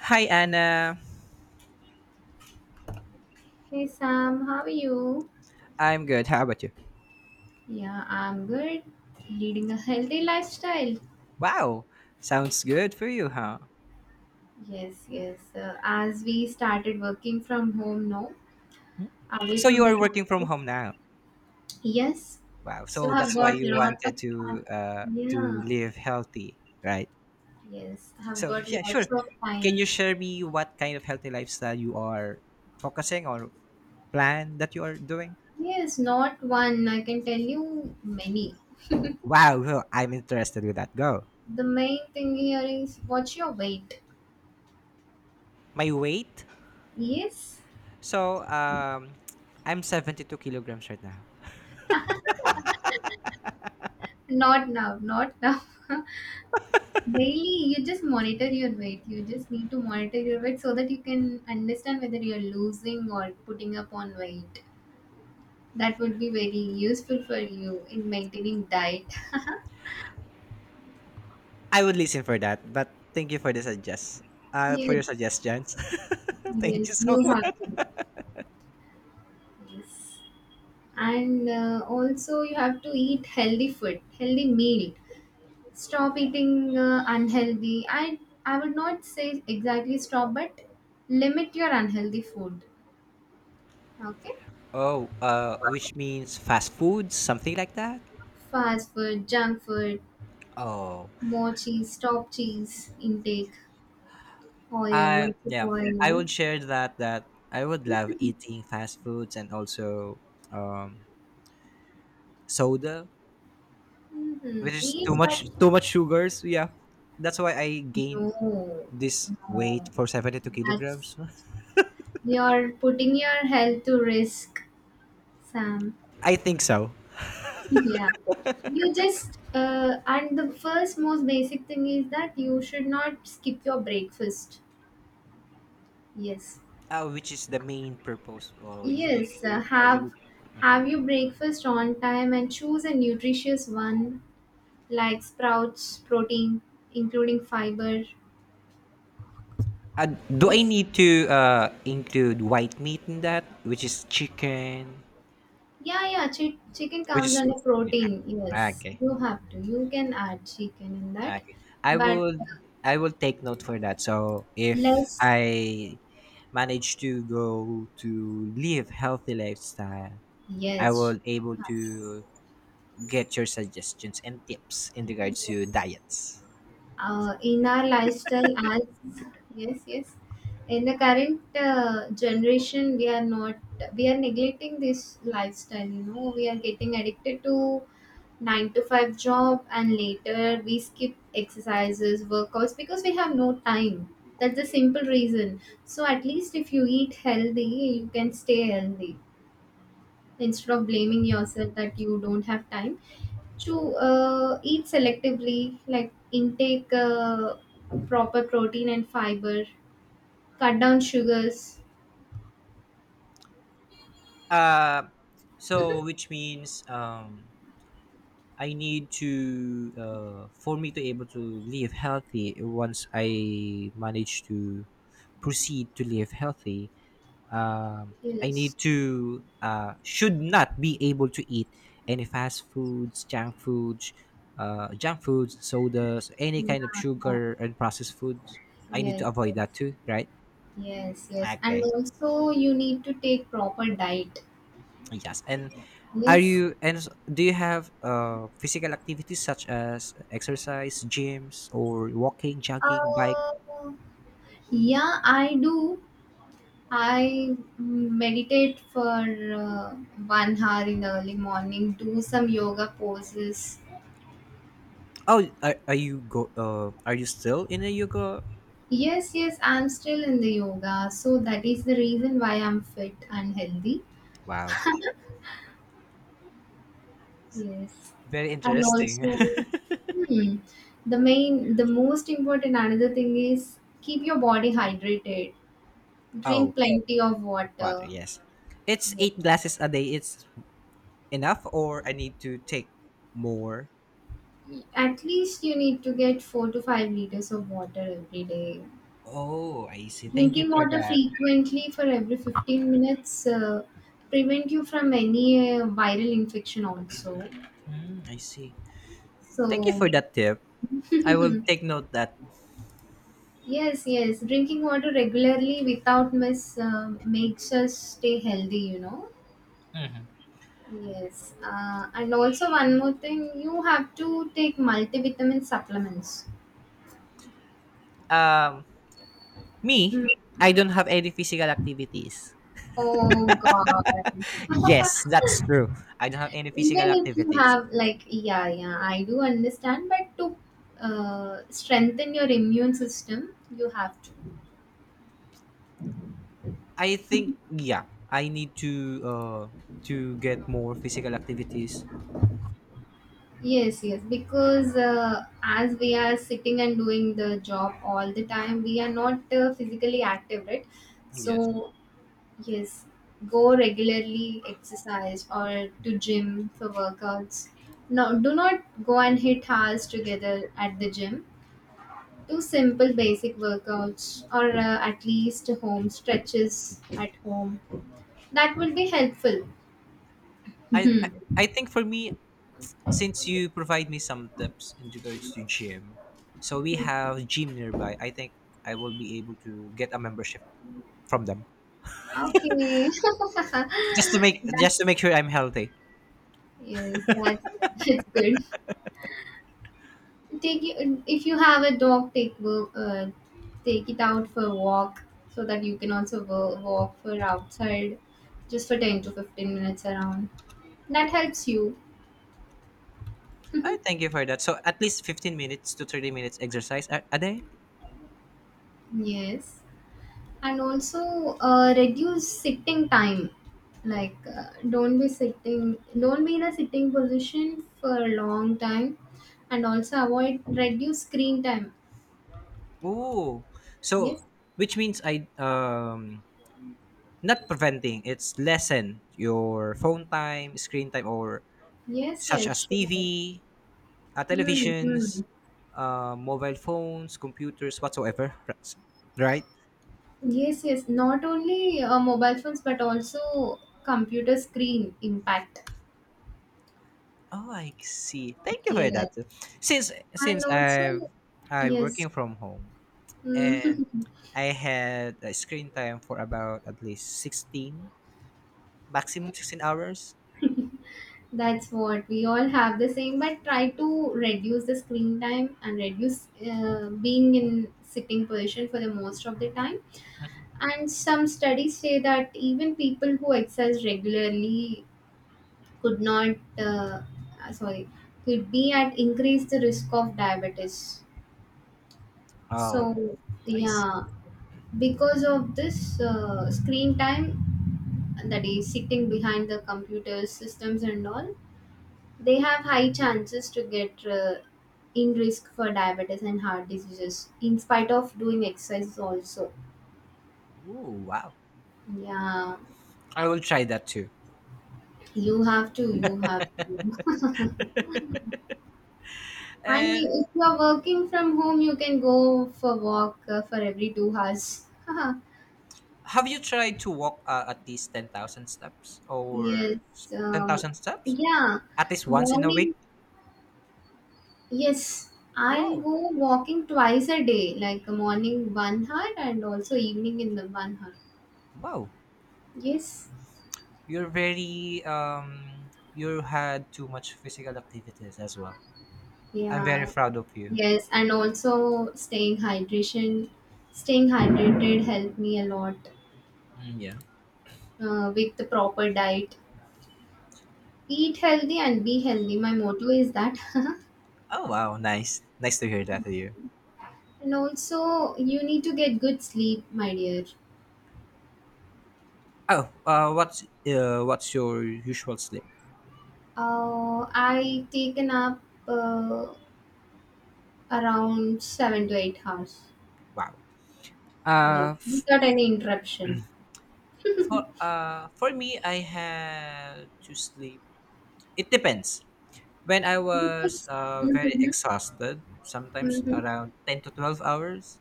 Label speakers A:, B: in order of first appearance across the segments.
A: Hi, Anna.
B: Hey Sam, how are you?
A: I'm good. How about you?
B: Yeah, I'm good. Leading a healthy lifestyle.
A: Wow. Sounds good for you, huh?
B: Yes, yes. As we started working from home now, away
A: So
B: from
A: you
B: the
A: are working from
B: campus.
A: home now.
B: Yes.
A: Wow.
B: So
A: So
B: I've
A: that's why
B: got
A: you
B: lot of
A: wanted
B: time.
A: to
B: Yeah.
A: live healthy, right?
B: Yes, I've
A: So
B: got
A: yeah, sure.
B: lots of
A: Can
B: time.
A: you share me what kind of healthy lifestyle you are focusing or plan that you are doing?
B: Yes, not one. I can tell you many.
A: Wow, wow, I'm interested with that. Go.
B: The main thing here is what's your weight?
A: My weight.
B: Yes.
A: So I'm 72 kilograms right now.
B: Not now. Not now. Daily, you just monitor your weight. You just need to monitor your weight so that you can understand whether you're losing or putting up on weight. That would be very useful for you in maintaining diet.
A: I would listen for that, but thank you for the suggest. For
B: Yes,
A: your suggestions. Thank
B: yes,
A: you so
B: you have to.
A: much.
B: And also, you have to eat healthy food, healthy meal. Stop eating unhealthy. I would not say exactly stop, but limit your unhealthy food. Okay,
A: Oh, which means fast food, something like that.
B: fast food, junk food,
A: Oh,
B: more cheese, stop cheese intake, oil,
A: I
B: lots of
A: yeah, I
B: oil.
A: would share that I would love eating fast foods, and also um soda,
B: Mm-hmm.
A: which is too
B: Yes, but
A: much too much sugars. Yeah, that's why I gained
B: no,
A: this weight
B: no,
A: for seventy two
B: that's
A: kilograms.
B: you're putting your health to risk, Sam.
A: I think so.
B: Yeah, you just and the first most basic thing is that you should not skip your breakfast. Yes,
A: Which is the main purpose? Oh, you need
B: yes,
A: to
B: uh,
A: you
B: have
A: need.
B: have your breakfast on time and choose a nutritious one like sprouts, protein, including fiber.
A: Do I
B: Yes.
A: need to include white meat in that, which is chicken,
B: Yeah, yeah. Chicken
A: which
B: comes
A: is,
B: under
A: yeah.
B: protein.
A: Ah,
B: Yes,
A: okay,
B: you have to. You can add chicken in
A: ah,
B: that,
A: okay. I
B: but
A: will, I will take note for that. So if
B: less.
A: I manage to go to live healthy lifestyle, I
B: Yes.
A: will able to get your suggestions and tips in regards to diets.
B: In our lifestyle as yes yes in the current generation we are not we are neglecting this lifestyle, you know, we are getting addicted to 9 to 5 job and later we skip exercises workouts because we have no time. That's the simple reason. So at least if you eat healthy you can stay healthy, instead of blaming yourself that you don't have time to eat selectively, like intake proper protein and fiber, cut down sugars.
A: Uh, so which means, I need to for me to able to live healthy once I manage to proceed to live healthy. um, I
B: Yes,
A: need to should not be able to eat any fast foods, junk foods, sodas, any
B: yeah,
A: kind of
B: yeah.
A: sugar and processed foods. I need
B: Yes,
A: to
B: yes,
A: avoid that too, right?
B: yes, yes, and
A: Okay.
B: also you need to take proper diet.
A: Yes. And are
B: Yes,
A: you and s- do you have physical activities such as exercise, gyms, or walking, jogging, bike?
B: uh, yeah, I do. I meditate for uh, 1 hour in the early morning, do some yoga poses.
A: Oh, are you go? Are you still in a yoga?
B: Yes, yes, I'm still in the yoga. So that is the reason why I'm fit and healthy.
A: Wow,
B: Yes.
A: very
B: And
A: interesting.
B: also, hmm, the most important another thing is keep your body hydrated.
A: Oh,
B: Drink plenty of
A: water.
B: water.
A: Yes, it's
B: Yes.
A: eight glasses a day. It's enough, or I need to take more.
B: At least you need to get 4 to 5 liters of water every day.
A: Oh, I see. Thank you
B: Drinking
A: for
B: water
A: that.
B: frequently for every 15 minutes prevent you from any viral infection also.
A: Mm, I see. Thank you
B: So
A: for that tip. I will take note that.
B: yes, yes. Drinking water regularly without miss makes us stay healthy, you know. Yes. And also, one more thing, you have to take multivitamin supplements.
A: Um, Me,
B: Mm.
A: I don't have any physical activities.
B: Oh, God.
A: Yes, that's true. I don't have any physical
B: Even if you
A: activities.
B: have, like, yeah, yeah, I do understand, but to strengthen your immune system, you have to.
A: I think, yeah, I need uh to get more physical activities.
B: Yes, yes, because as we are sitting and doing the job all the time, we are not physically active, right?
A: Yes.
B: So, yes, go regularly exercise or to gym for workouts. No, do not go and hit hours together at the gym. Do simple basic workouts or at least home stretches at home. That will be helpful.
A: I I, I think, for me, since you provide me some tips in regards to gym. So we
B: Hmm.
A: have gym nearby. I think I will be able to get a membership from them.
B: Okay.
A: Just to make just to
B: That's,
A: make sure I'm healthy.
B: yes, that's good. That's good. If you have a dog, take it out for a walk, so that you can also walk for outside just for 10 to 15 minutes around. That helps you.
A: I thank you for that. So at least 15 minutes to 30 minutes exercise a day.
B: Yes, and also, reduce sitting time, like, don't be in a sitting position for a long time, and also avoid, reduce screen time.
A: Oh, so
B: Yes,
A: which means I, not preventing, it's lessen your phone time, screen time, or
B: yes,
A: such
B: yes,
A: as TV,
B: sure. Mm-hmm.
A: televisions, mobile phones, computers, whatsoever. Right?
B: Yes, yes. Not only mobile phones, but also computer screen impact.
A: Oh, I see. Thank you for
B: Yes.
A: that. Since
B: And
A: since
B: also,
A: I
B: yes,
A: working from home, and
B: Mm.
A: I had a screen time for about at least 16, maximum 16 hours.
B: That's what we all have the same, but try to reduce the screen time and reduce being in sitting position for the most of the time. And some studies say that even people who exercise regularly could not, sorry, could be at increased risk of diabetes.
A: Oh,
B: So,
A: I see.
B: yeah, because of this screen time, that is sitting behind the computer systems and all, they have high chances to get in risk for diabetes and heart diseases, in spite of doing exercise also.
A: Oh, wow.
B: Yeah,
A: I will try that too.
B: you have to, you have to. And
A: And
B: if you are working from home, you can go for walk for every 2 hours.
A: have you tried to walk at least 10,000 steps or
B: Yes. Um,
A: 10,000 steps
B: yeah.
A: at least once in a
B: Morning
A: week?
B: Yes, I'll
A: Wow.
B: go walking twice a day, like morning 1 hour and also evening in the 1 hour.
A: Wow.
B: Yes,
A: You're very, you had too much physical activities as well. I'm very
B: yeah,
A: proud of you.
B: yes, and also staying hydration, staying hydrated helped me a lot
A: Mm, yeah.
B: with the proper diet. Eat healthy and be healthy. My motto is that.
A: Oh wow, nice. Nice to hear that to you.
B: And also, you need to get good sleep, my dear.
A: Oh, what's your usual sleep?
B: I take a nap around 7 to 8 hours.
A: Wow.
B: Yes,
A: Uh f-
B: without any interruption.
A: for me, I have to sleep. It depends. When I was
B: Because
A: very
B: mm-hmm,
A: exhausted, sometimes
B: mm-hmm.
A: around 10 to 12 hours.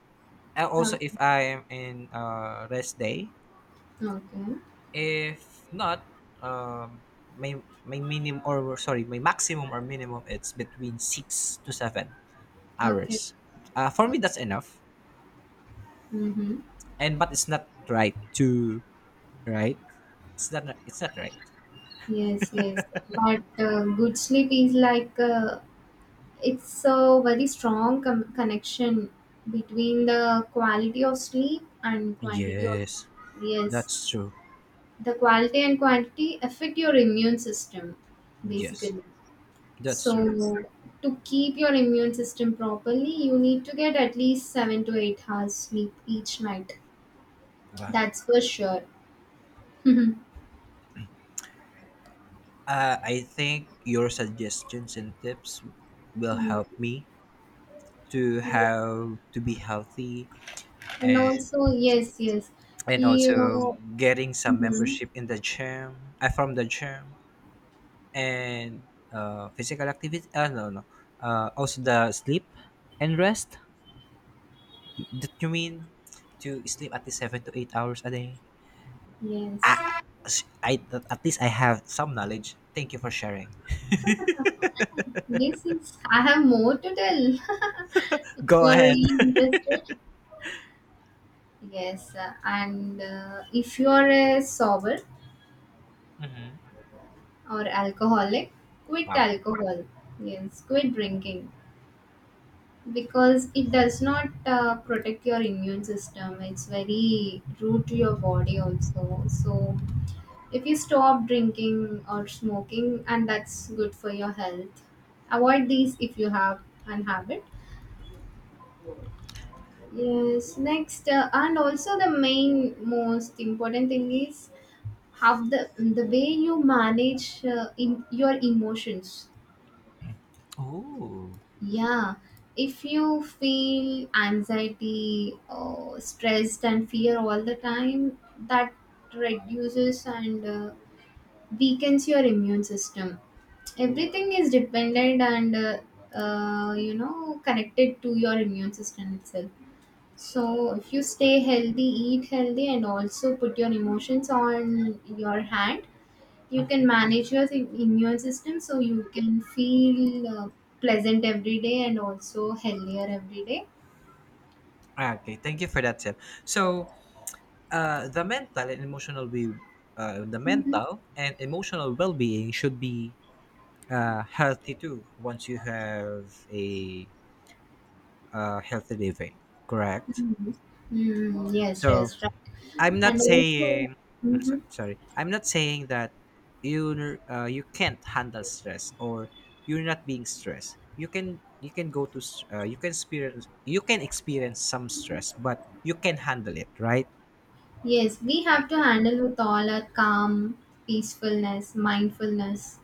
A: And also,
B: Okay,
A: if I am in rest day,
B: okay,
A: if not, um, my minimum, or sorry, my maximum or minimum, it's between 6 to 7
B: okay.
A: hours. For me, that's enough.
B: Mm-hmm.
A: And but it's not right to, right. It's not right.
B: Yes, yes. But good sleep is like, it's a very strong connection between the quality of sleep and quantity of
A: Yes,
B: yes.
A: that's true.
B: The quality and quantity affect your immune system,
A: Yes,
B: basically.
A: that's true.
B: So, to keep your immune system properly, you need to get at least 7 to 8 hours sleep each night.
A: Wow.
B: That's for sure.
A: I think your suggestions and tips will
B: Mm.
A: help me to
B: Yes.
A: have to be healthy,
B: And
A: and
B: also, yes, yes,
A: and also
B: you.
A: getting some
B: Mhm.
A: membership in the gym, from the gym, and physical activity, no, no, also the sleep and rest, that you mean to sleep at least 7 to 8 hours a day.
B: Yes,
A: I, I at least I have some knowledge. Thank you for sharing.
B: yes, yes. I have more to tell. If
A: Go
B: you are
A: ahead.
B: really interested, yes. And If you are a sober or alcoholic, quit
A: Wow.
B: alcohol. Yes, quit drinking, because it does not protect your immune system. It's very rude to your body also. So if you stop drinking or smoking, and that's good for your health. Avoid these if you have an habit. Yes, next. And also, the main most important thing is how the way you manage in your emotions.
A: Oh.
B: Yeah, if you feel anxiety, stressed, and fear all the time, that reduces and weakens your immune system. Everything is dependent and you know, connected to your immune system itself. So if you stay healthy, eat healthy, and also put your emotions on your hand, you can manage your immune system, so you can feel pleasant every day and also healthier every day.
A: Okay, thank you for that tip. So, the mental and emotional
B: Mm-hmm.
A: well-being should be healthy too. Once you have a healthy living, correct?
B: Mm, yes,
A: So,
B: yes, right,
A: I'm not
B: and also
A: saying, I'm
B: hmm
A: sorry, I'm not saying that you can't handle stress, or you're not being stressed. You can you can experience some stress, but you can handle it, right?
B: yes. We have to
A: Okay.
B: handle with all our calm, peacefulness, mindfulness.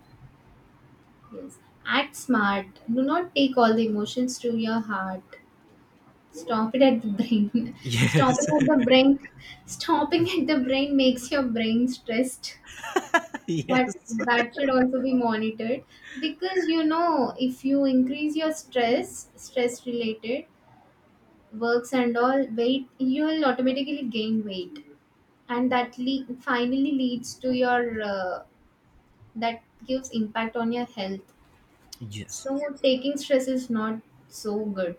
B: Yes, act smart. Do not take all the emotions to your heart. Stop it at the brain. Stop
A: Yes,
B: it at the brain. Stopping at the brain makes your brain stressed. That
A: yes,
B: that should also be monitored, because you know if you increase your stress related works and all weight, you will automatically gain weight, and that finally leads to your that gives impact on your health.
A: yes.
B: So taking stress is not so good.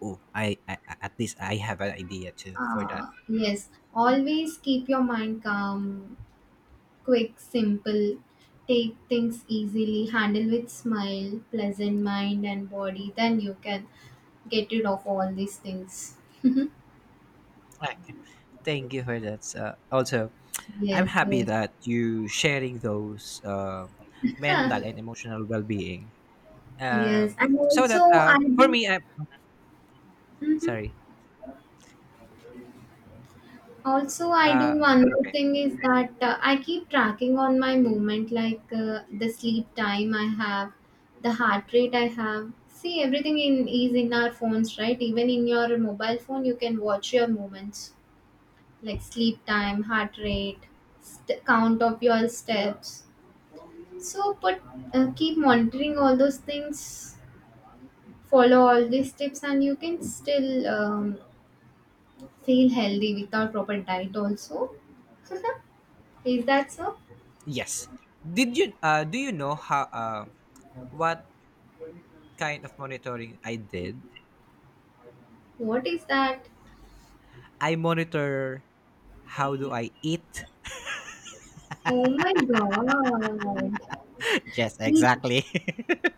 A: Oh, at least I have an idea too for that.
B: Yes, always keep your mind calm. Quick, simple, take things easily, handle with smile, pleasant mind and body, then you can get rid of all these things.
A: Okay. Thank you for that. Also, I'm
B: Yes,
A: happy
B: yes.
A: that you sharing those mental
B: Huh.
A: and emotional well-being.
B: Yes,
A: Um,
B: and
A: so
B: also
A: that
B: I
A: for
B: do.
A: me, I
B: Mhm.
A: sorry.
B: Also, I do
A: Uh,
B: one more
A: okay.
B: thing is that I keep tracking on my movement, like, the sleep time I have, the heart rate I have. See, everything in is in our phones, right? Even in your mobile phone, you can watch your movements, like sleep time, heart rate, count of your steps. So, put keep monitoring all those things, follow all these tips, and you can still feel healthy without proper diet, also. Is that so?
A: Yes. Did you do you know how what kind of monitoring I did?
B: What is that?
A: I monitor how do I eat.
B: Oh my god.
A: Yes,
B: Eat.
A: exactly.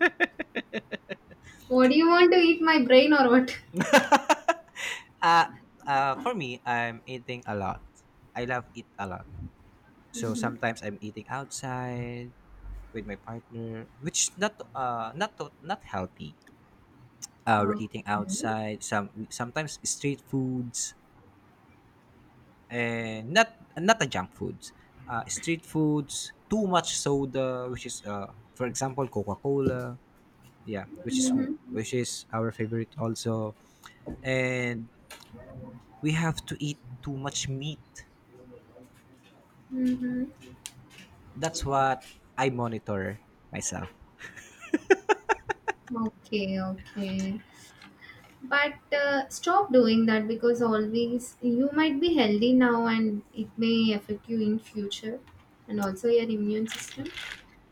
B: What do you want to eat? My brain or what?
A: uh, for me, I'm eating a lot. I love eat a lot. So
B: Mm-hmm.
A: sometimes I'm eating outside with my partner, which not healthy. We're
B: Okay.
A: eating outside. Sometimes street foods, and not the junk foods. Street foods, too much soda, which is for example Coca Cola. Yeah, which is
B: Mm-hmm.
A: our favorite also, and we have to eat too much meat.
B: Mm-hmm.
A: That's what I monitor myself.
B: Okay, okay. But stop doing that, because always you might be healthy now and it may affect you in future, and also your immune system,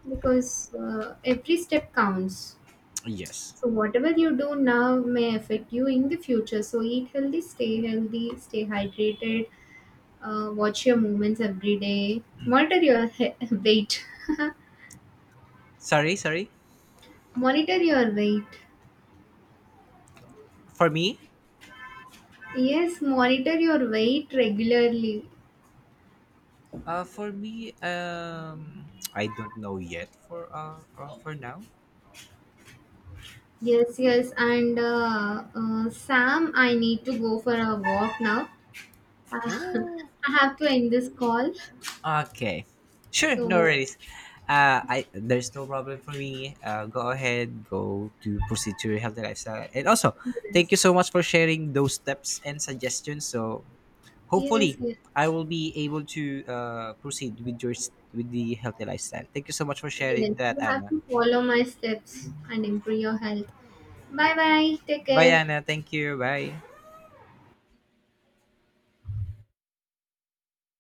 B: because every step counts.
A: Yes.
B: So whatever you do now may affect you in the future. So eat healthy, stay hydrated, watch your movements every day, monitor your weight,
A: Sorry, sorry.
B: monitor your weight.
A: For me,
B: Yes, monitor your weight regularly.
A: for me, I don't know yet. For now.
B: Yes, yes, and Sam, I need to go for a walk now. Uh,
A: Ooh.
B: I have to end this call.
A: Okay. Sure, no
B: So,
A: worries. I There's no problem for me. Go ahead, go to proceed to your healthy lifestyle. And also, thank you so
B: yes,
A: much for sharing those steps and suggestions. So
B: yes,
A: hopefully,
B: yes,
A: I will be able to proceed with the healthy lifestyle. Thank you so much for sharing
B: yes.
A: that,
B: You have
A: Anna.
B: to follow my steps and improve your health. Bye bye. Take
A: Bye,
B: care.
A: Anna. Thank you. Bye.